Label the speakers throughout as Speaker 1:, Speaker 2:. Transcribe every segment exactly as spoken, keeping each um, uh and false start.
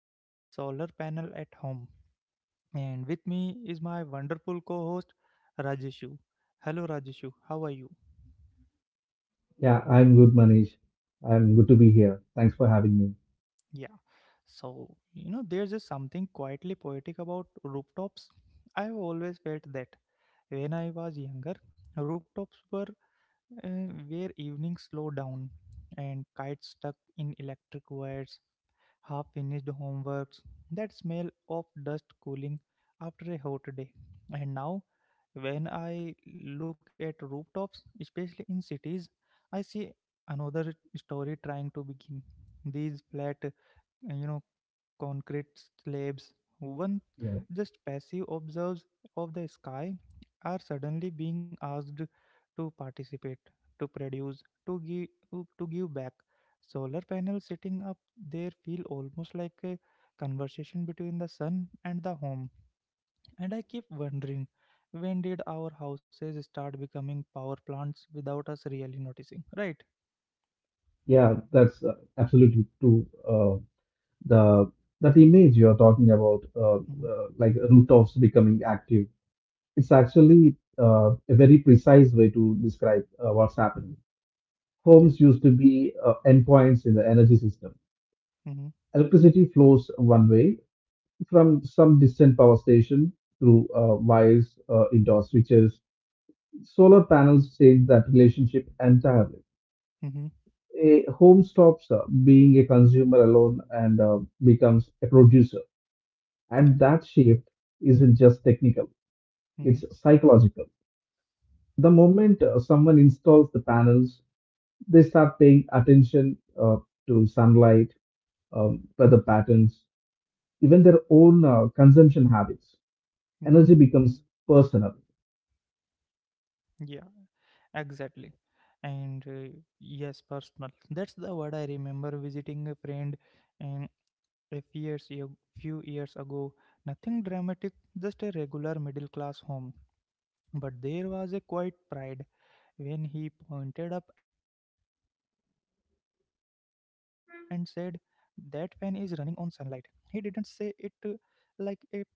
Speaker 1: that is solar panel at home. And with me is my wonderful co host, Rajeshu. Hello, Rajeshu, how are you?
Speaker 2: Yeah, I'm good, Manish. I'm good to be here. Thanks for having me.
Speaker 1: Yeah, so you know, there's just something quietly poetic about rooftops. I've always felt that when I was younger, rooftops were uh, where evenings slow down and kites stuck in electric wires, half finished homeworks, that smell of dust cooling after a hot day. And now, when I look at rooftops, especially in cities, I see another story trying to begin. These flat, uh, you know, concrete slabs, one
Speaker 2: Yeah,
Speaker 1: just passive observes of the sky, are suddenly being asked to participate, to produce, to give, to give back. Solar panels sitting up there feel almost like a conversation between the sun and the home, and I keep wondering when did our houses start becoming power plants without us really noticing, right?
Speaker 2: yeah, that's uh, absolutely true. Uh, the that image you're talking about, uh,
Speaker 1: Mhm.
Speaker 2: uh, like rooftops becoming active, it's actually uh, a very precise way to describe uh, what's
Speaker 1: Mhm.
Speaker 2: happening.
Speaker 1: Yeah.
Speaker 2: Homes used to be uh, endpoints in the energy system.
Speaker 1: Mhm.
Speaker 2: Electricity flows one way from some distant power station through uh, wires uh, indoor switches. Solar panels change that relationship entirely.
Speaker 1: Mhm.
Speaker 2: A home stops uh, being a consumer alone and uh, becomes a producer.
Speaker 1: Yeah.
Speaker 2: And that shift isn't just technical,
Speaker 1: Mhm.
Speaker 2: it's psychological. The moment uh, someone installs the panels, they start paying attention uh, to sunlight, um, weather patterns, even their own uh, consumption habits.
Speaker 1: Mhm.
Speaker 2: Energy becomes personal.
Speaker 1: Yeah, exactly. And uh, yes, personal. That's the word. I remember visiting a friend and a few years, ag- few years ago. Nothing dramatic, just a regular middle class home. But there was a quiet pride when he pointed up and said, "That fan is running on sunlight." He didn't say it uh, like a flex, it was almost tender,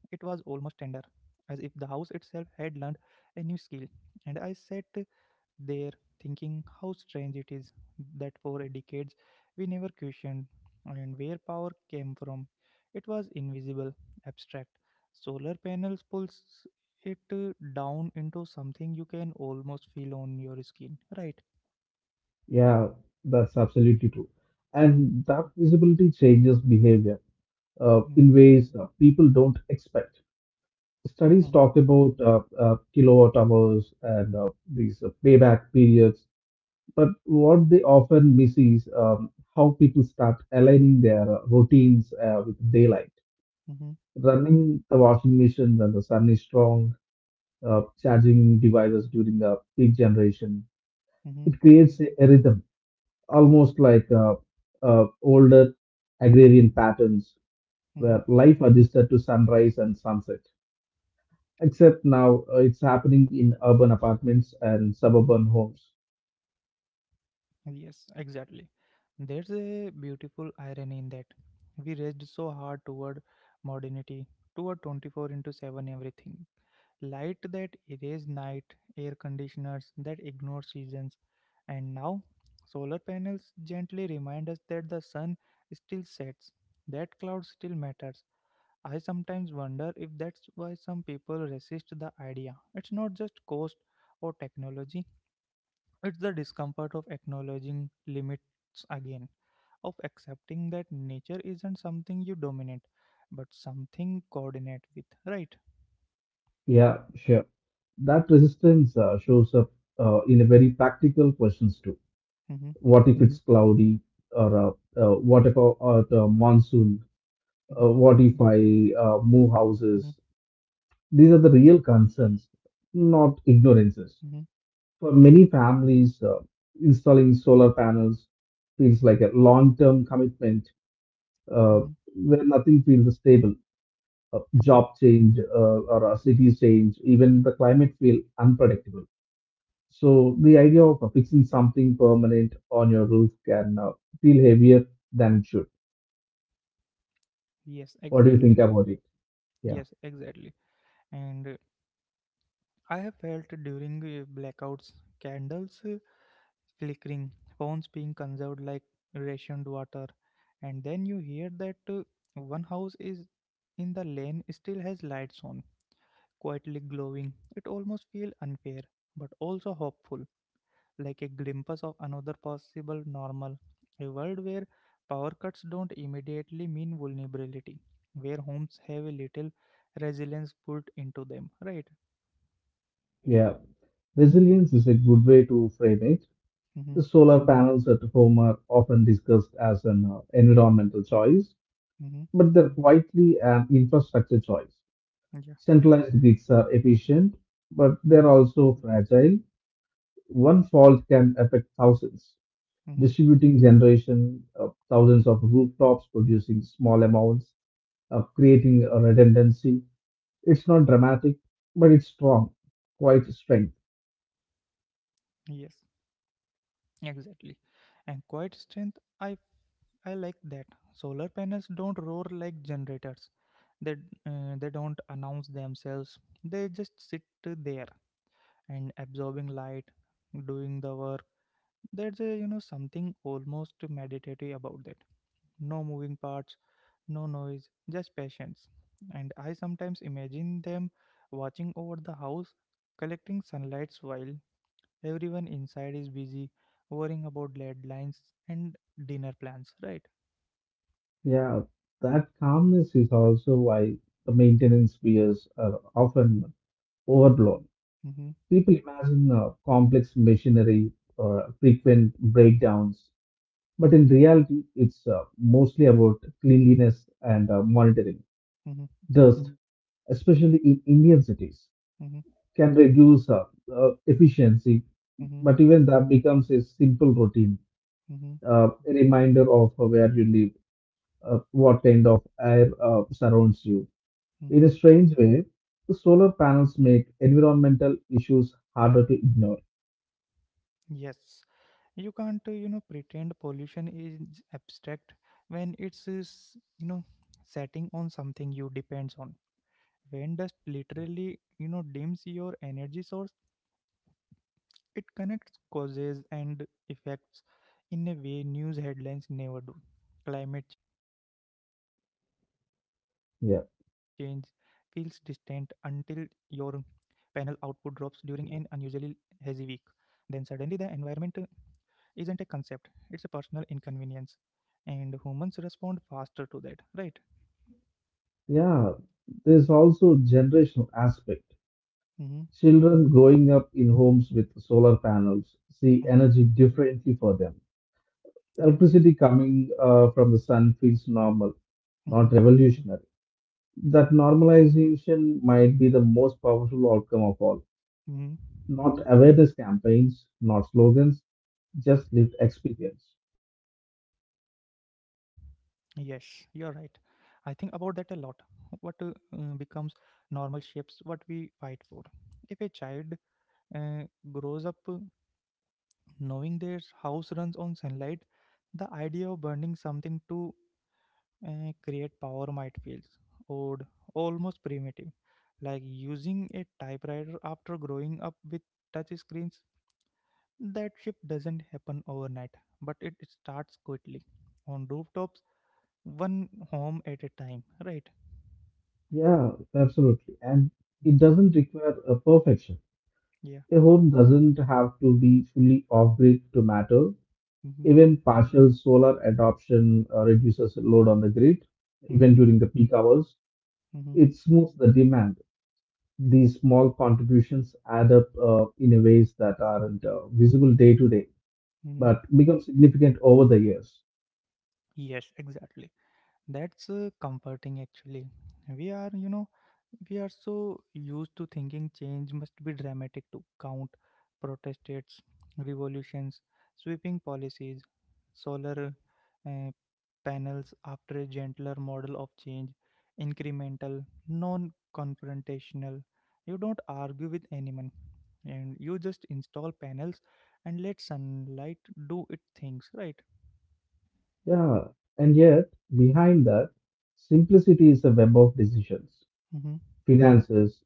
Speaker 1: as if the house itself had learned a new skill. And I sat there thinking how strange it is that for a decades we never questioned and where power came from, it was invisible, abstract. Solar panels pulls it uh, down into something you can almost feel on your skin, right?
Speaker 2: Yeah, that's absolutely true.
Speaker 1: Mhm.
Speaker 2: And that visibility changes behavior uh,
Speaker 1: Mhm.
Speaker 2: in ways uh, people don't expect. Studies
Speaker 1: Mhm.
Speaker 2: talk about uh, uh, kilowatt hours and uh, these uh, payback periods, but what they often miss is um, how people start aligning their uh, routines uh, with daylight.
Speaker 1: Mhm.
Speaker 2: Running the washing machine when the sun is strong, uh, charging devices during the peak generation,
Speaker 1: Mhm.
Speaker 2: it creates a rhythm almost like uh, uh, older agrarian patterns
Speaker 1: Mhm.
Speaker 2: where life adjusted to sunrise and sunset. Except now uh, it's happening in urban apartments and
Speaker 1: Mhm.
Speaker 2: suburban homes.
Speaker 1: Yes, exactly. There's a beautiful irony in that. We raced so hard toward modernity, toward twenty-four into seven everything. Light that erase night, air conditioners that ignore seasons, and now solar panels gently remind us that the sun still sets, that cloud still matters. I sometimes wonder if that's why some people resist the idea. It's not just cost or technology, it's the discomfort of acknowledging limits again, of accepting that nature isn't something you dominate, but something coordinate with, right?
Speaker 2: Yeah, sure. That resistance uh, shows up uh, in a very practical questions too.
Speaker 1: Mm-hmm.
Speaker 2: What if Mhm. it's cloudy? Or uh, uh, what about
Speaker 1: Mm-hmm.
Speaker 2: uh, monsoon? Uh, what if I
Speaker 1: Mm-hmm.
Speaker 2: uh, move houses? These are the real concerns, not
Speaker 1: Mm-hmm.
Speaker 2: ignorances. For many families, uh, installing solar panels feels like a long term commitment
Speaker 1: Mm-hmm.
Speaker 2: uh, where nothing feels stable. Uh,
Speaker 1: Mm-hmm.
Speaker 2: job change uh, or a city change, even the climate feel unpredictable. So the idea of fixing something permanent on your roof can uh, feel heavier than it should.
Speaker 1: Yes,
Speaker 2: What do you
Speaker 1: exactly.
Speaker 2: think about it? Yeah,
Speaker 1: Yes, exactly. And uh, I have felt during uh, blackouts, candles uh, flickering, phones being conserved like rationed water, and then you hear that uh, one house is in the lane still has lights on, quietly glowing. It almost feels unfair, but also hopeful, like a glimpse of another possible normal, a world where power cuts don't immediately mean vulnerability, where homes have a little resilience put into them, right?
Speaker 2: yeah. Resilience is a good way to frame it.
Speaker 1: Mm-hmm.
Speaker 2: The solar panels at home are often discussed as an uh, environmental choice,
Speaker 1: Mm-hmm.
Speaker 2: but they're quietly an infrastructure choice.
Speaker 1: Yeah.
Speaker 2: Centralized grids are efficient, but they're
Speaker 1: Mm-hmm.
Speaker 2: also fragile. One fault can affect thousands,
Speaker 1: Mm-hmm.
Speaker 2: distributing generation, uh, thousands of rooftops producing small amounts, uh, creating a redundancy. It's not dramatic, but it's strong, quite strength.
Speaker 1: Yes, exactly. And quiet strength, I I like that. Solar panels don't roar like generators. They uh, they don't announce themselves. They just sit there and absorbing light, doing the work. There's a you know something almost meditative about that. No moving parts, no noise, just patience, and I sometimes imagine them watching over the house collecting sunlights while everyone inside is busy worrying about deadlines and dinner plans, right?
Speaker 2: Yeah, that calmness is also why the maintenance fears are often overblown.
Speaker 1: Mm-hmm.
Speaker 2: People imagine uh, complex machinery or frequent breakdowns, but in reality, it's uh, mostly about cleanliness and uh, monitoring.
Speaker 1: Mm-hmm.
Speaker 2: Dust, especially in Indian cities,
Speaker 1: Mm-hmm.
Speaker 2: can reduce uh, uh, efficiency,
Speaker 1: Mm-hmm.
Speaker 2: but even that becomes a simple routine,
Speaker 1: Mm-hmm.
Speaker 2: uh, a reminder of where you live, uh, what kind of air uh, surrounds you. In
Speaker 1: Mm-hmm.
Speaker 2: a strange way, the solar panels make environmental issues harder to ignore.
Speaker 1: Yes, you can't uh, you know pretend pollution is abstract when it's is, you know setting on something you depends on. When dust literally, you know, dims your energy source, it connects causes and effects in a way news headlines never do. Climate change feels distant until
Speaker 2: Yeah.
Speaker 1: your panel output drops during an unusually hazy week. Then suddenly the environment uh, isn't a concept, it's a personal inconvenience. And humans respond faster to that, right?
Speaker 2: Yeah, there's also generational aspect.
Speaker 1: Mm-hmm.
Speaker 2: Children growing up in homes with solar panels see
Speaker 1: Mm-hmm.
Speaker 2: energy differently for them.
Speaker 1: Yeah.
Speaker 2: Electricity coming uh, from the sun feels normal, not
Speaker 1: Mm-hmm.
Speaker 2: revolutionary. That normalization might be the most powerful outcome of all.
Speaker 1: Mm-hmm.
Speaker 2: Not awareness campaigns, not slogans, just lived experience.
Speaker 1: Yes, you're right. I think about that a lot. What uh, uh, becomes normal shapes what we fight for. If a child uh, grows up uh, knowing their house runs on sunlight, the idea of burning something to uh, create power might feel odd, almost primitive. Like using a typewriter after growing up with touch screens, that shift doesn't happen overnight, but it starts quickly. On rooftops, one home at a time, right?
Speaker 2: Yeah, absolutely. And
Speaker 1: Mhm.
Speaker 2: it doesn't require a perfection.
Speaker 1: Yeah.
Speaker 2: A home doesn't have to be fully off grid to matter.
Speaker 1: Mm-hmm.
Speaker 2: Even partial solar adoption uh, reduces load on the grid,
Speaker 1: Mm-hmm.
Speaker 2: even during the peak hours.
Speaker 1: Mm-hmm.
Speaker 2: It smooths the demand. These small contributions add up uh, in a ways that aren't uh, visible day to day,
Speaker 1: Mm-hmm.
Speaker 2: but become significant over the years.
Speaker 1: Yes, exactly. That's uh, comforting actually. We are, you know, we are so used to thinking change must be dramatic to count protests, revolutions, sweeping policies. Solar uh, panels after a gentler model of change, incremental, non confrontational. You don't argue with anyone and you just install panels and let sunlight do its things, right?
Speaker 2: Yeah, and yet behind that, simplicity is a web of decisions.
Speaker 1: Mm-hmm.
Speaker 2: Finances,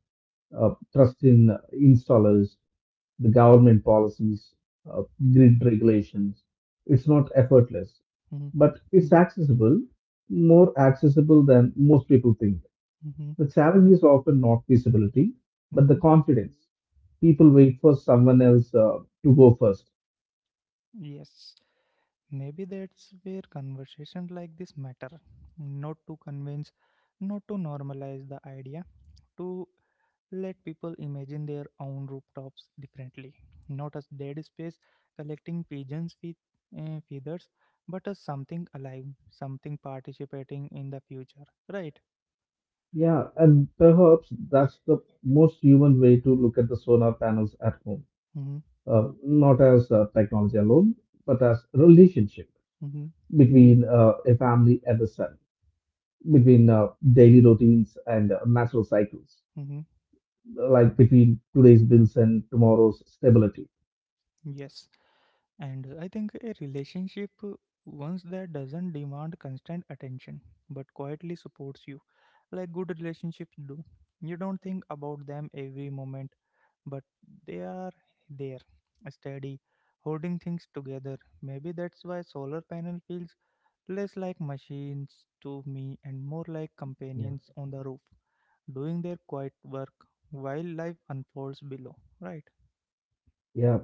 Speaker 2: uh, trust in installers, the government policies, uh, grid regulations. It's not effortless,
Speaker 1: Mm-hmm.
Speaker 2: but it's accessible, more accessible than most people think.
Speaker 1: Mm-hmm.
Speaker 2: The challenge is often not feasibility, but
Speaker 1: Mm-hmm.
Speaker 2: the confidence. People wait for someone else uh, to go first.
Speaker 1: Yes. Maybe that's where conversations like this matter. Not to convince, not to normalize the idea, to let people imagine their own rooftops differently. Not as dead space collecting pigeons with uh, feathers, but as something alive, something participating in the future. Right?
Speaker 2: Yeah, and perhaps that's the most human way to look at the solar panels at home,
Speaker 1: Mm-hmm.
Speaker 2: uh, not as uh, technology alone, but as relationship
Speaker 1: Mm-hmm.
Speaker 2: between uh, a family and the sun, between uh, daily routines and uh, natural cycles,
Speaker 1: Hmm.
Speaker 2: like between today's bills and tomorrow's stability.
Speaker 1: Yes. And I think a relationship, uh, once that doesn't demand constant attention, but quietly supports you like good relationships do. You don't think about them every moment, but they are there, steady, holding things together. Maybe that's why solar panel feels less like machines to me and more like
Speaker 2: Yeah,
Speaker 1: companions on the roof, doing their quiet work while life unfolds below. Right?
Speaker 2: yeah.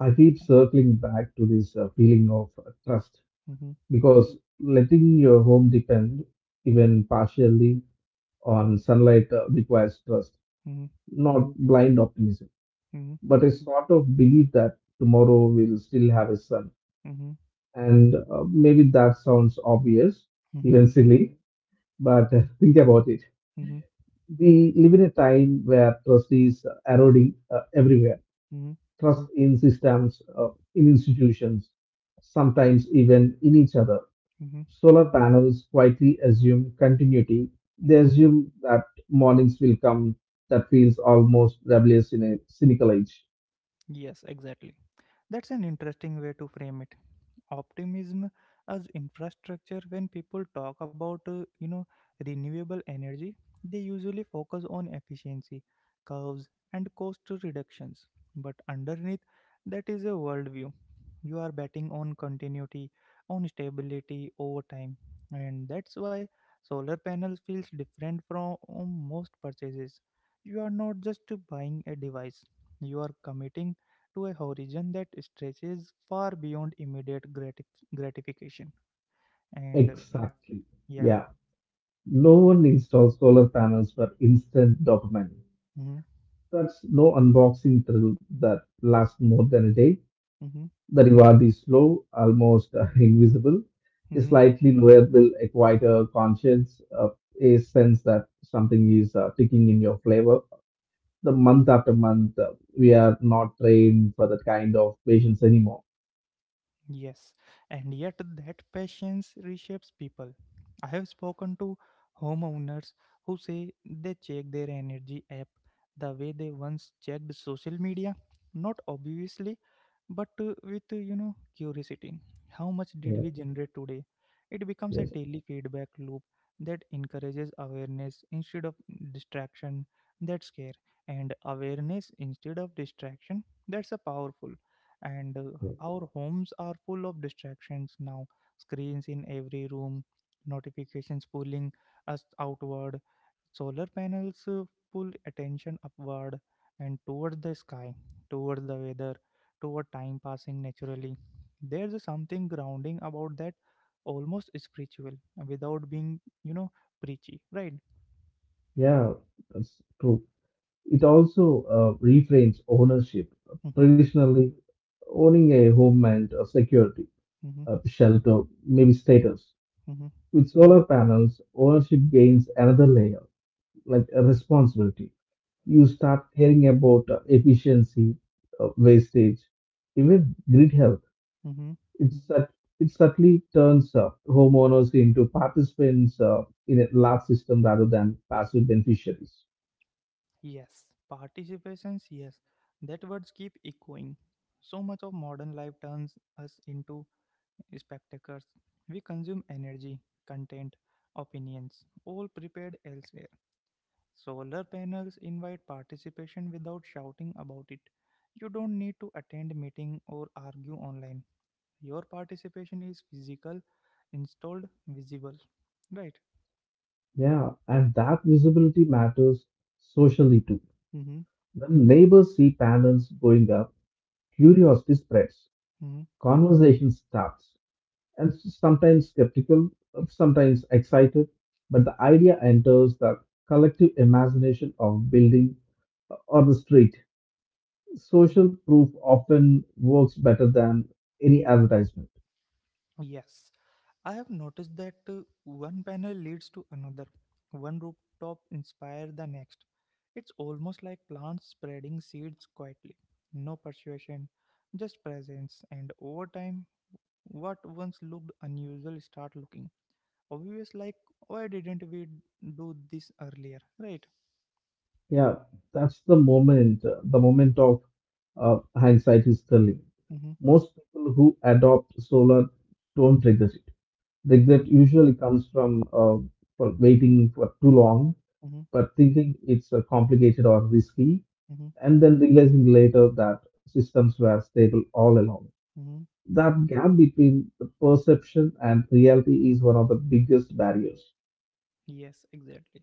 Speaker 2: I keep circling back to this uh, feeling of uh, trust
Speaker 1: Mhm.
Speaker 2: because letting your home depend, even partially, on sunlight uh, requires trust,
Speaker 1: Mhm.
Speaker 2: not blind optimism,
Speaker 1: Mhm.
Speaker 2: but a sort of belief that tomorrow will still have a sun.
Speaker 1: Mhm.
Speaker 2: And uh, maybe that sounds obvious,
Speaker 1: Mhm.
Speaker 2: even silly, but uh, think about it.
Speaker 1: Mhm.
Speaker 2: We live in a time where trust is uh, eroding uh, everywhere.
Speaker 1: Mhm.
Speaker 2: Trust in systems, uh, in institutions, sometimes even in each other.
Speaker 1: Mhm.
Speaker 2: Solar panels quietly assume continuity. They
Speaker 1: Mhm.
Speaker 2: assume that mornings will come. That feels almost rebellious in a cynical age.
Speaker 1: Yes, exactly. That's an interesting way to frame it. Optimism as infrastructure. When people talk about uh, you know renewable energy, they usually focus on efficiency curves and cost reductions, but underneath that is a worldview. You are betting on continuity, on stability over time, and that's why solar panels feels different from most purchases. You are not just buying a device, you are committing to a horizon that stretches far beyond immediate gratif- gratification. And
Speaker 2: Exactly.
Speaker 1: yeah.
Speaker 2: Yeah. No one installs solar panels for instant dopamine.
Speaker 1: Mm-hmm.
Speaker 2: That's no unboxing thrill that lasts more than a day.
Speaker 1: Mm-hmm.
Speaker 2: The reward is slow, almost uh, invisible. A
Speaker 1: Mm-hmm.
Speaker 2: slightly lower bill, a quieter conscience, uh, a sense that something is uh, ticking in your flavor. The month after month, uh, we are not trained for that kind of patience anymore.
Speaker 1: Yes, and yet that patience reshapes people. I have spoken to homeowners who say they check their energy app the way they once checked social media, not obviously, but uh, with uh, you know curiosity. How much
Speaker 2: Yeah,
Speaker 1: did we generate today? It becomes a
Speaker 2: yes,
Speaker 1: daily feedback loop that encourages awareness instead of distraction. That's care, and awareness instead of distraction. That's a powerful and uh,
Speaker 2: yeah,
Speaker 1: our homes are full of distractions now, screens in every room, notifications pulling us outward. Solar panels uh, pull attention upward and toward the sky, toward the weather, toward time passing naturally. There's a something grounding about that, almost spiritual, without being you know preachy, right?
Speaker 2: yeah, that's true. It also uh, reframes ownership.
Speaker 1: Mm-hmm.
Speaker 2: Traditionally, owning a home meant uh, security,
Speaker 1: Mm-hmm.
Speaker 2: uh, shelter, maybe status.
Speaker 1: Mm-hmm.
Speaker 2: With solar panels, ownership gains another layer, like a responsibility. You start caring about uh, efficiency, uh, wastage, even grid health.
Speaker 1: Mm-hmm.
Speaker 2: It's that it subtly turns uh, homeowners into participants uh, in a large system rather than passive beneficiaries.
Speaker 1: Yes, participations, yes. That words keep echoing. So much of modern life turns us into spectators. We consume energy, content, opinions, all prepared elsewhere. Solar panels invite participation without shouting about it. You don't need to attend meeting or argue online. Your participation is physical, installed, visible. Right?
Speaker 2: Yeah, and that visibility matters socially too.
Speaker 1: Mm-hmm.
Speaker 2: When neighbors see panels going up, curiosity spreads,
Speaker 1: Mm-hmm.
Speaker 2: conversation starts, and sometimes skeptical, sometimes excited, but the idea enters the collective imagination of building or the street.
Speaker 1: Mm-hmm.
Speaker 2: Social proof often works better than any advertisement.
Speaker 1: Yes. I have noticed that uh, one panel leads to another, one rooftop inspires the next. It's almost like plants spreading seeds quietly. No persuasion, just presence, and over time, what once looked unusual start looking obvious, like why didn't we do this earlier, right?
Speaker 2: Yeah, that's the moment, uh, the moment of uh, hindsight is telling.
Speaker 1: Mm-hmm.
Speaker 2: Most people who adopt solar don't regret it.
Speaker 1: Mm-hmm.
Speaker 2: Regret usually comes from uh, for waiting for too long,
Speaker 1: Mm-hmm.
Speaker 2: but thinking it's uh, complicated or risky
Speaker 1: Mm-hmm.
Speaker 2: and then realizing later that systems were stable all along.
Speaker 1: Mm-hmm.
Speaker 2: That gap between the perception and reality is one of the biggest barriers.
Speaker 1: Yes, exactly.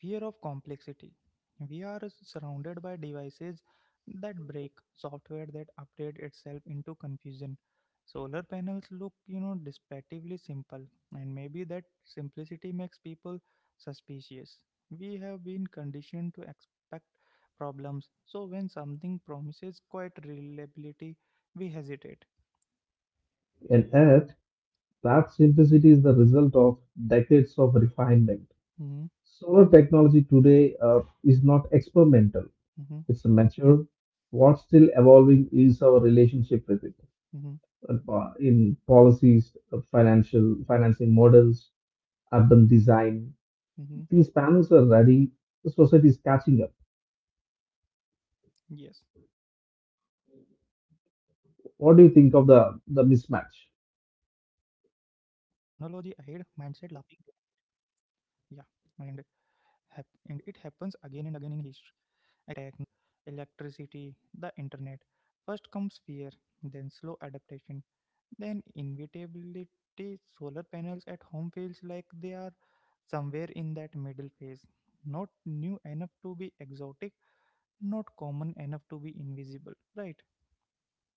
Speaker 1: Fear of complexity. We are surrounded by devices that break, software that update itself into confusion. Solar panels look, you know, distinctively simple, and maybe that simplicity makes people suspicious. We have been conditioned to expect problems, so when something promises quite reliability, we hesitate.
Speaker 2: And yet, that simplicity is the result of decades of refinement.
Speaker 1: Hmm.
Speaker 2: Solar technology today uh, is not experimental,
Speaker 1: Hmm.
Speaker 2: it's mature. What's still evolving is our relationship with it,
Speaker 1: Hmm.
Speaker 2: uh, po- in policies, uh, financial financing models, urban design.
Speaker 1: Hmm.
Speaker 2: These panels are ready, the society is catching up.
Speaker 1: Yes. Exactly. That mismatch fascinates
Speaker 2: What do you
Speaker 1: me.
Speaker 2: think of the, the
Speaker 1: Technology
Speaker 2: mismatch?
Speaker 1: ahead, mindset laughing. Yeah, and hap- and it happens again and again in history. Printing presses, electricity, the internet. First comes fear, then slow adaptation, then inevitability. Solar panels at home feels like they are somewhere in that middle phase. Not new enough to be exotic, not common enough to be invisible, right?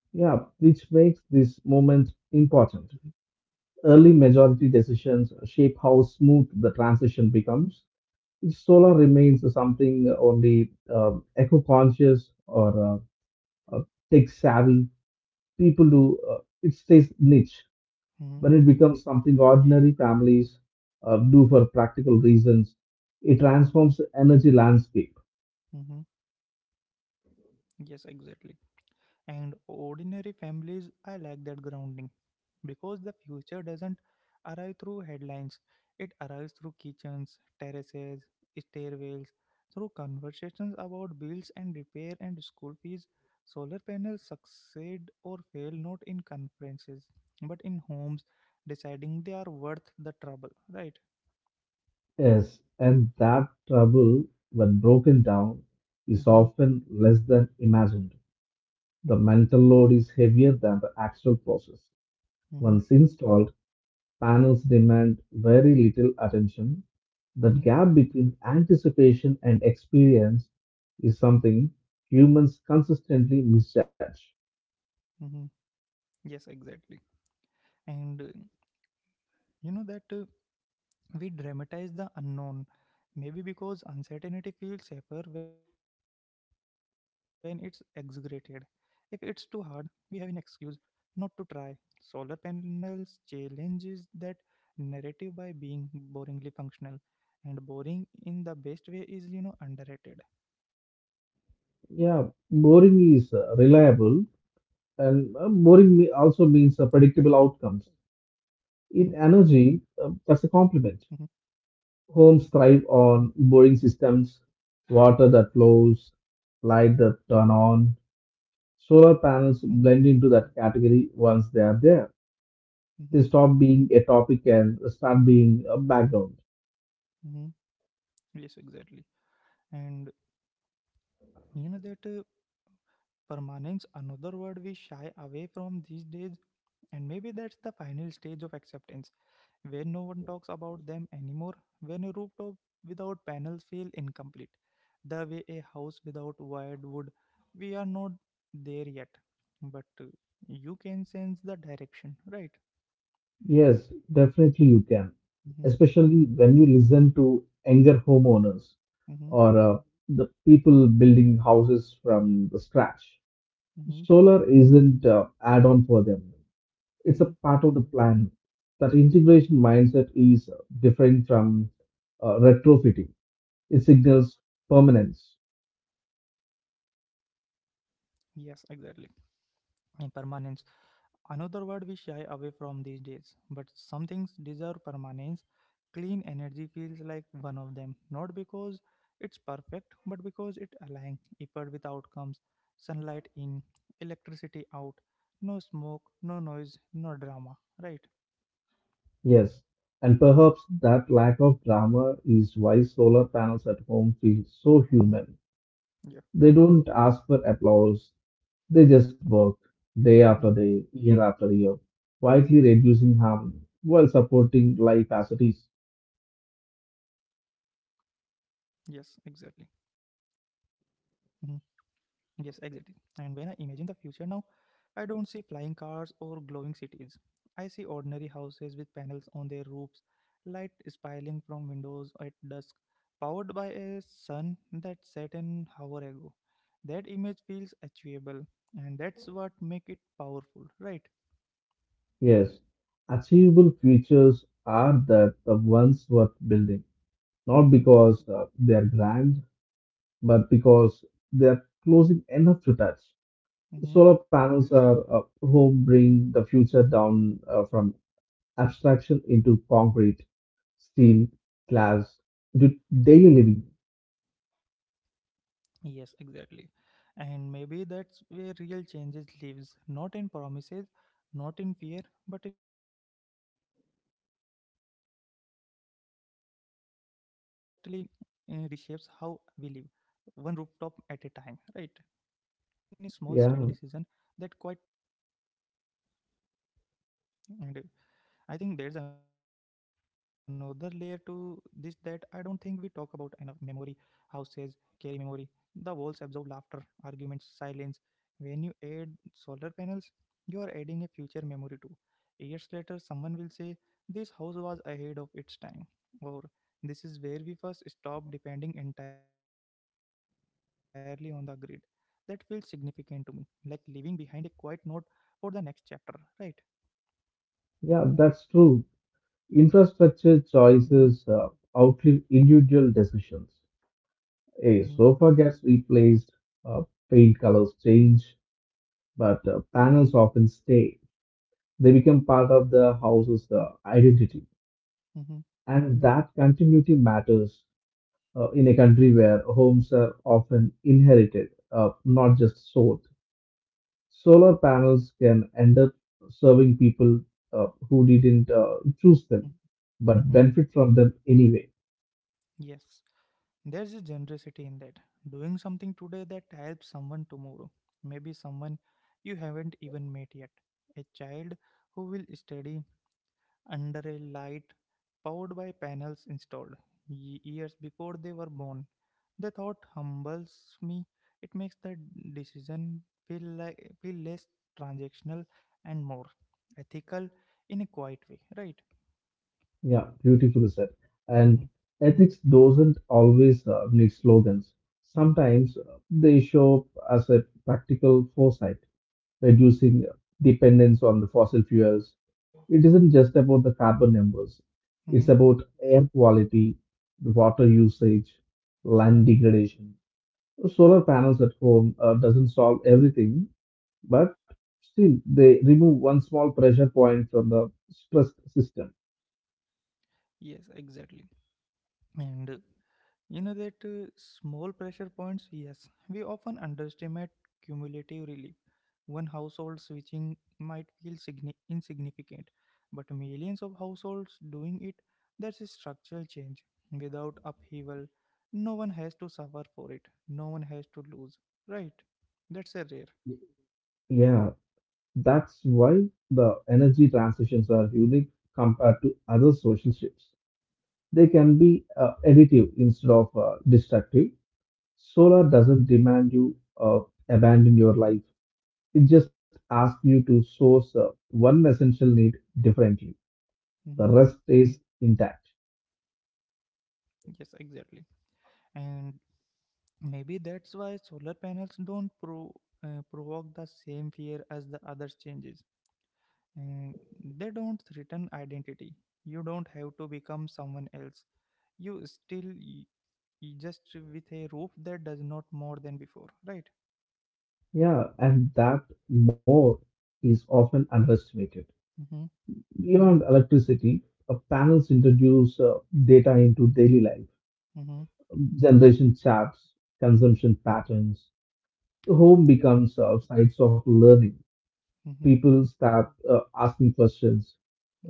Speaker 2: Yeah, which makes this moment important. Early majority decisions shape how smooth the transition becomes. If solar remains something only uh, eco conscious or uh, uh, tech savvy, people do uh, it stays niche.
Speaker 1: Mhm.
Speaker 2: When it becomes something ordinary families uh, do for practical reasons, it transforms the energy landscape.
Speaker 1: Mm-hmm. Yes, exactly. And ordinary families, I like that grounding because the future doesn't arrive through headlines, it arrives through kitchens, terraces, stairwells, through conversations about bills and repair and school fees. Solar panels succeed or fail not in conferences but in homes, deciding they are worth the trouble, right?
Speaker 2: Yes, and that trouble, when broken down, is
Speaker 1: Mm-hmm.
Speaker 2: often less than imagined. The mental load is heavier than the actual process.
Speaker 1: Mm-hmm.
Speaker 2: Once installed, panels demand very little attention. That
Speaker 1: Mm-hmm.
Speaker 2: gap between anticipation and experience is something humans consistently misjudge.
Speaker 1: Mm-hmm. Yes, exactly. And uh, you know that. Uh, We dramatize the unknown, maybe because uncertainty feels safer when it's exaggerated. If it's too hard, we have an excuse not to try. Solar panels challenges that narrative by being boringly functional, and boring in the best way is, you know, underrated,
Speaker 2: Yeah, boring is uh, reliable,
Speaker 1: right?
Speaker 2: and uh, boring me- also means uh,
Speaker 1: Mm-hmm.
Speaker 2: predictable outcomes. In
Speaker 1: Mm-hmm.
Speaker 2: energy, uh, that's a compliment.
Speaker 1: Mm-hmm.
Speaker 2: Homes thrive on boring systems, water that flows, light that turn on. Solar panels
Speaker 1: Mm-hmm.
Speaker 2: blend into that category once they are there.
Speaker 1: Mm-hmm.
Speaker 2: They stop being a topic and start being a background.
Speaker 1: Mm-hmm. Yes, exactly. And you know that. Uh, Permanence, another word we shy away from these days, and maybe that's the final stage of acceptance, where no one talks about them anymore, when a rooftop without panels feels incomplete, the way a house without wired would. We are not there yet, but uh, you can sense the direction, right?
Speaker 2: Yes, definitely you can,
Speaker 1: Mm-hmm.
Speaker 2: especially when you listen to younger homeowners
Speaker 1: Mm-hmm.
Speaker 2: or uh, the people building houses from the scratch.
Speaker 1: Mm-hmm.
Speaker 2: Solar isn't uh, add-on for them. It's a
Speaker 1: Mm-hmm.
Speaker 2: part of the plan. That integration mindset is different from uh, retrofitting. It signals permanence.
Speaker 1: Yes, exactly. And permanence. Another word we shy away from these days, but some things deserve permanence. Clean energy feels like one of them, not because it's perfect, but because it aligns effort with outcomes. Sunlight in, electricity out, no smoke, no noise, no drama, right?
Speaker 2: Yes, and perhaps that lack of drama is why solar panels at home feel so
Speaker 1: Hmm.
Speaker 2: human.
Speaker 1: Yeah.
Speaker 2: They don't ask for applause. They just work day after
Speaker 1: Hmm.
Speaker 2: day, year after year, quietly reducing harm while supporting life as it is.
Speaker 1: Yes, exactly. Mhm. Yes, exactly. And when I imagine the future now, I don't see flying cars or glowing cities. I see ordinary houses with panels on their roofs, light spiraling from windows at dusk, powered by a sun that set an hour ago. That image feels achievable, and that's what makes it powerful, right?
Speaker 2: Yes, achievable futures are that the ones worth building, not
Speaker 1: Mm-hmm,
Speaker 2: because uh, they're grand, but because they're closing enough to touch.
Speaker 1: mm-hmm.
Speaker 2: Solar panels are uh, home bring the future down uh, from abstraction into concrete, steel, glass, into daily living.
Speaker 1: Yes, exactly. And maybe that's where real changes lives, not in promises, not in fear, but in a small steady decision that quietly uh, reshapes how we live, one rooftop at a time, right?
Speaker 2: Yeah,
Speaker 1: And I think there's another layer to this that I don't think we talk about enough. Memory houses carry memory. The walls absorb laughter, arguments, silence. When you add solar panels, you are adding a future memory too. Years later, someone will say, this house was ahead of its time, or this is where we first stopped depending entirely on the grid. That feels significant to me, like leaving behind a quiet note for the next chapter, right?
Speaker 2: yeah, that's true. Infrastructure
Speaker 1: Mm-hmm.
Speaker 2: choices uh, outlive individual decisions.
Speaker 1: Mhm,
Speaker 2: A sofa gets replaced, uh, paint colors change, but uh, panels often stay. They become part of the house's uh, identity,
Speaker 1: mhm,
Speaker 2: and that continuity matters uh, in a country where homes are often inherited, uh, not just sold. Solar panels can end up serving people uh, who didn't uh, choose them,
Speaker 1: mhm,
Speaker 2: but
Speaker 1: mhm.
Speaker 2: benefit from them anyway.
Speaker 1: Yes, there's a generosity in that. Doing something today that helps someone tomorrow. Maybe someone you haven't even met yet. A child who will study under a light powered by panels installed ye- years before they were born. The thought humbles me. It makes the decision feel like feel less transactional and more ethical in a quiet way, right?
Speaker 2: Yeah, beautifully said.
Speaker 1: Mm-hmm,
Speaker 2: And ethics doesn't always uh, need slogans.
Speaker 1: mm-hmm,
Speaker 2: Sometimes uh, they show up as a practical foresight, reducing dependence on the fossil fuels. It isn't just about the carbon numbers,
Speaker 1: mm-hmm,
Speaker 2: it's about air quality, water usage, land
Speaker 1: mm-hmm.
Speaker 2: degradation. Solar panels at home uh, doesn't solve everything, but still they remove one small pressure point from the stressed system.
Speaker 1: Yes, exactly. And uh, You know that uh, small pressure points, yes, we often underestimate cumulative relief. One household switching might feel signi- insignificant, but millions of households doing it, that's a structural change. Without upheaval, no one has to suffer for it, no one has to lose, right? That's a rare.
Speaker 2: Yeah, that's why the energy transitions are
Speaker 1: Mhm.
Speaker 2: unique compared to other social shifts. They can be uh, additive instead of uh, destructive. Solar doesn't demand you uh, abandon your life. It just asks you to source uh, one essential need differently. The
Speaker 1: Mhm.
Speaker 2: rest stays intact.
Speaker 1: Yes, exactly. And maybe that's why solar panels don't pro, uh, provoke the same fear as the other changes, and they don't threaten identity. You don't have to become someone else, you still y- y- just with a roof that does not more than before, right?
Speaker 2: Yeah, and that more is often underestimated.
Speaker 1: Mm-hmm,
Speaker 2: Beyond electricity, uh, panels introduce uh, data into daily life,
Speaker 1: mm-hmm,
Speaker 2: generation charts, consumption patterns. The home
Speaker 1: yes,
Speaker 2: becomes uh, sites of learning.
Speaker 1: mm-hmm,
Speaker 2: People start uh, asking questions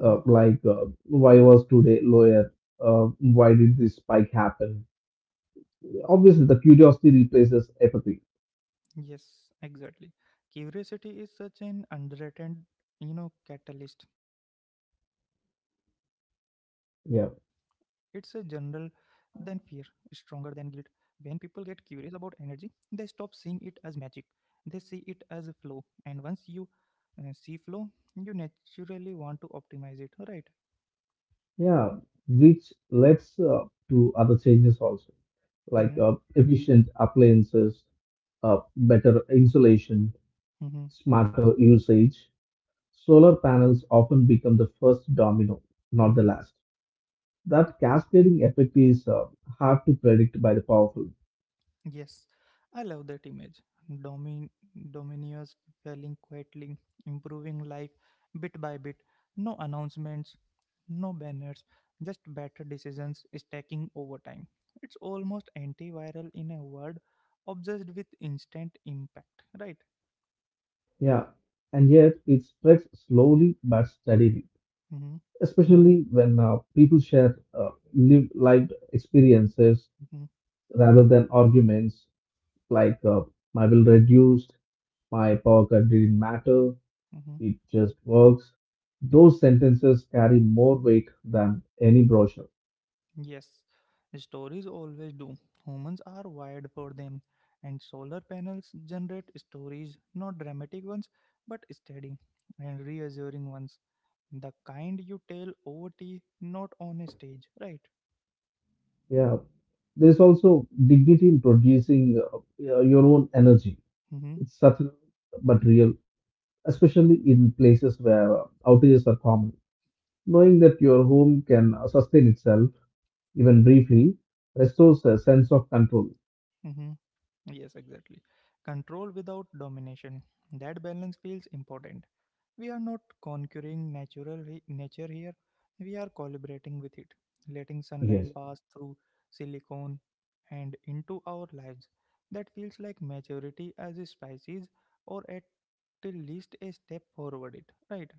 Speaker 2: uh, like uh, why was today lower, uh, why did this spike happen. Obviously the curiosity replaces apathy.
Speaker 1: yes, exactly. Curiosity is such an underrated, you know, catalyst. It's a general than fear,
Speaker 2: Yeah,
Speaker 1: stronger than guilt. When people get curious about energy, they stop seeing it as magic. They see it as a flow. And once you uh, see flow, you naturally want to optimize it, right?
Speaker 2: yeah, which leads uh, to other changes also, like
Speaker 1: Mm-hmm,
Speaker 2: uh, efficient appliances, uh, better insulation,
Speaker 1: mm-hmm,
Speaker 2: smarter usage. Solar panels often become the first domino, not the
Speaker 1: mm-hmm.
Speaker 2: last. That cascading effect is uh, hard to predict by the powerful.
Speaker 1: Yes, I love that image. Domin- Dominoes falling quietly, improving life bit by bit. No announcements, no banners, just better decisions stacking over time. It's almost antiviral in a world obsessed with instant impact, right?
Speaker 2: Yeah, and yet it spreads slowly but steadily,
Speaker 1: Mm-hmm,
Speaker 2: especially when uh, people share uh, lived life experiences
Speaker 1: mm-hmm,
Speaker 2: rather than arguments, like uh, my bill reduced, my power cut didn't matter,
Speaker 1: mm-hmm.
Speaker 2: it just works. Those sentences carry more weight than any brochure.
Speaker 1: Yes, stories always do. Humans are wired for them. And solar panels generate stories, not dramatic ones, but steady and reassuring ones. The kind you tell over tea, not on a stage, right?
Speaker 2: Yeah, there's also dignity in producing uh, uh, your own energy.
Speaker 1: Mm-hmm.
Speaker 2: It's subtle but real, especially in places where uh, outages are common. Knowing that your home can sustain itself, even briefly, restores a sense of control.
Speaker 1: Mm-hmm. Yes, exactly. Control without domination. That balance feels important. We are not conquering natural he- nature here. We are collaborating with it, letting
Speaker 2: Yes,
Speaker 1: sunlight pass through silicone and into our lives. That feels like maturity as a species, or at the least a step forward. It right?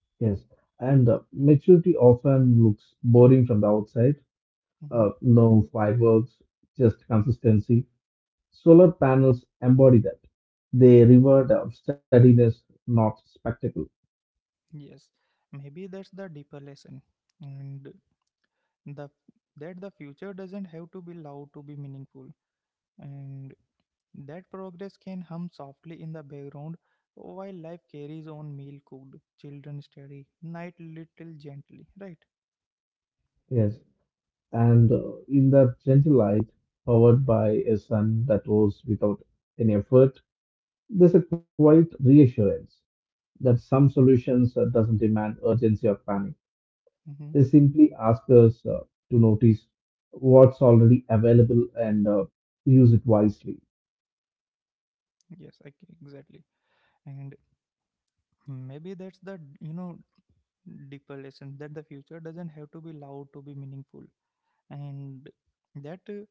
Speaker 2: yes. And uh, maturity often looks boring from the outside.
Speaker 1: Hmm.
Speaker 2: Uh, no fireworks, just consistency. Solar panels embody that. They reward uh, steadiness, not spectacle.
Speaker 1: Yes, maybe that's the deeper lesson, and the that the future doesn't have to be loud to be meaningful, and that progress can hum softly in the background while life carries on meal cooked, children steady, night little gently, right?
Speaker 2: Yes. And uh, in that gentle light, powered by a sun that rose without any effort, there's a quiet reassurance that some solutions uh, doesn't demand urgency or panic.
Speaker 1: Hmm.
Speaker 2: They simply ask us uh, to notice what's already available and uh, use it wisely.
Speaker 1: Yes, I, exactly. And maybe that's the, you know, deeper lesson that the future doesn't have to be loud to be meaningful. And that uh,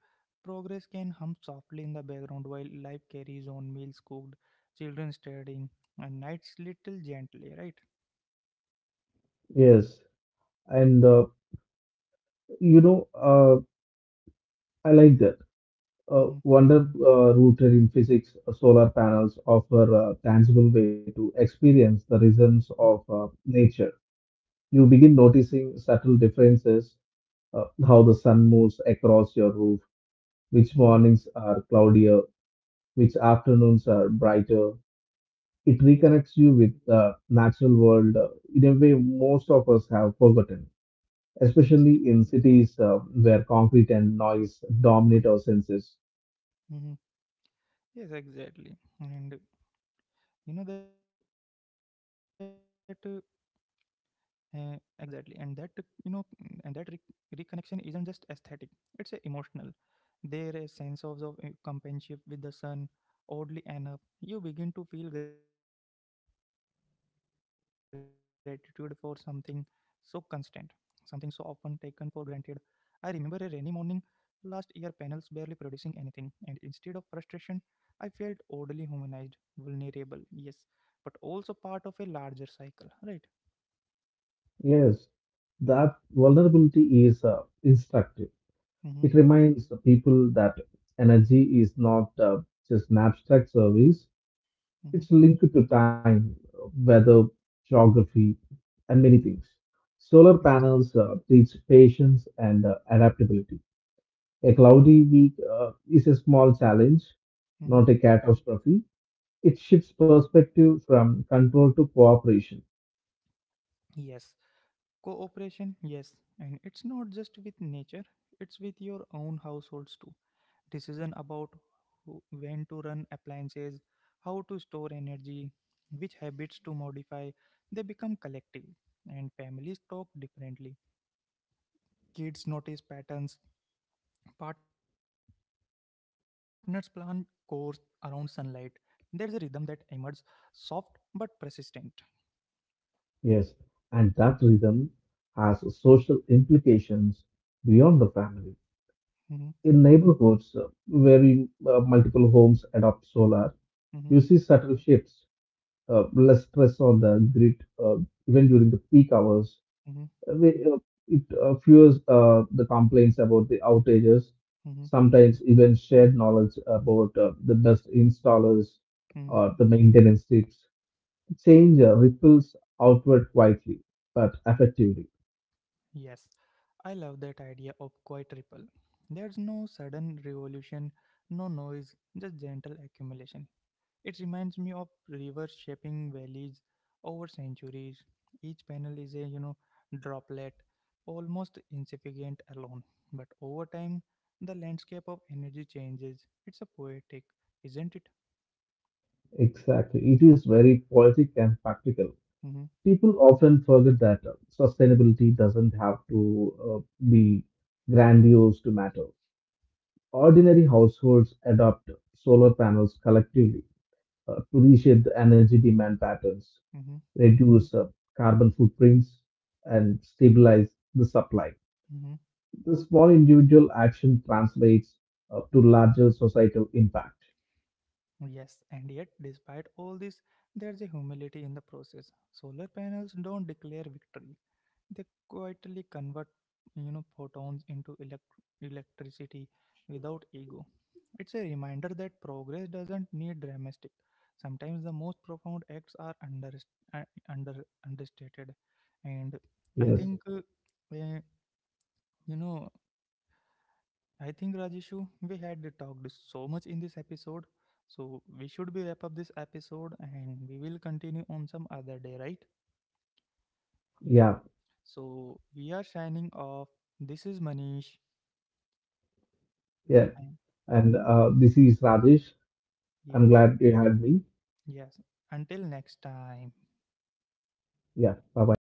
Speaker 1: progress can hum softly in the background while life carries on meals cooked, children studying, and nights little gently, right?
Speaker 2: Yes, and uh, you know, uh, I like that. Uh,
Speaker 1: Mm-hmm.
Speaker 2: wonder uh, rooted in physics, uh, solar panels offer a tangible way to experience the rhythms of uh, nature. You begin noticing subtle differences, uh, how the sun moves across your roof, which
Speaker 1: Mm-hmm. Mm-hmm.
Speaker 2: mornings are cloudier, which afternoons are brighter. It reconnects
Speaker 1: Yes,
Speaker 2: you with the natural world uh, in a way most of us have forgotten,
Speaker 1: yes.
Speaker 2: especially in cities uh, where concrete and noise dominate our senses.
Speaker 1: Mhm. Yes, exactly. And you know that uh, exactly, and that you know, mm, and that re- reconnection isn't just aesthetic; it's uh, emotional. There is sense of, of uh, companionship with the sun. Oddly enough, you begin to feel gratitude for something so constant, something so often taken for granted. I remember a rainy morning last year, panels barely producing anything, and instead of frustration, I felt oddly humanized, vulnerable, yes, but also part of a larger cycle, right?
Speaker 2: Yes, that vulnerability is uh, instructive.
Speaker 1: Mm-hmm,
Speaker 2: It reminds the people that energy is not uh, just an abstract service.
Speaker 1: mm-hmm,
Speaker 2: It's linked to time, weather, geography, and many things. Solar
Speaker 1: yes,
Speaker 2: panels uh, teach patience and uh, adaptability. A cloudy week uh, is a small challenge,
Speaker 1: mm-hmm,
Speaker 2: not a catastrophe. It shifts perspective from control to cooperation.
Speaker 1: yes. Cooperation, yes, and it's not just with nature, it's with your own households too. Decision about who, when to run appliances, how to store energy, which habits to modify, they become collective, and families talk differently. Kids notice patterns, partners plan course around sunlight. There's a rhythm that emerges, soft but persistent.
Speaker 2: Yes, and that rhythm has social implications beyond the family.
Speaker 1: Mhm,
Speaker 2: In neighborhoods uh, where in, uh, multiple homes adopt solar,
Speaker 1: mhm,
Speaker 2: you see subtle shifts, uh, less stress on the grid uh, even during the peak hours.
Speaker 1: mhm,
Speaker 2: Uh, we- uh, It uh, fuels uh, the complaints about the outages,
Speaker 1: mhm,
Speaker 2: sometimes even shared knowledge about uh, the best installers
Speaker 1: mhm.
Speaker 2: or the maintenance tips. Change uh, ripples outward quietly but effectively.
Speaker 1: Yes, I love that idea of quiet ripple. There's no sudden revolution, no noise, just gentle accumulation. It reminds me of rivers shaping valleys over centuries. Each panel is a, you know, droplet, almost insignificant alone. But over time, the landscape of energy changes. It's a poetic, isn't it?
Speaker 2: Exactly. It is very poetic and practical.
Speaker 1: Mm-hmm,
Speaker 2: People often forget that uh, sustainability doesn't have to uh, be grandiose to matter. Ordinary households adopt solar panels collectively uh, to reshape the energy demand patterns,
Speaker 1: mm-hmm,
Speaker 2: reduce uh, carbon footprints, and stabilize the supply.
Speaker 1: mm-hmm.
Speaker 2: The small individual action translates uh, to larger societal impact.
Speaker 1: Yes, and yet, despite all this, there's a humility in the process. Solar panels don't declare victory, they quietly convert, you know, photons into elect- electricity without ego. It's a reminder that progress doesn't need dramatic. Sometimes the most profound acts are under, uh, under understated, and I
Speaker 2: Yes,
Speaker 1: think uh, eh, you know. I think Rajeshu, we had talked so much in this episode, so we should be wrap up this episode, and we will continue on some other day, right?
Speaker 2: yeah,
Speaker 1: Yeah. So we are signing off. This is Manish.
Speaker 2: yeah.
Speaker 1: Time.
Speaker 2: And uh, this is Rajesh. I'm
Speaker 1: Yeah,
Speaker 2: glad you had me.
Speaker 1: yes. Until next time.
Speaker 2: Yeah, bye bye.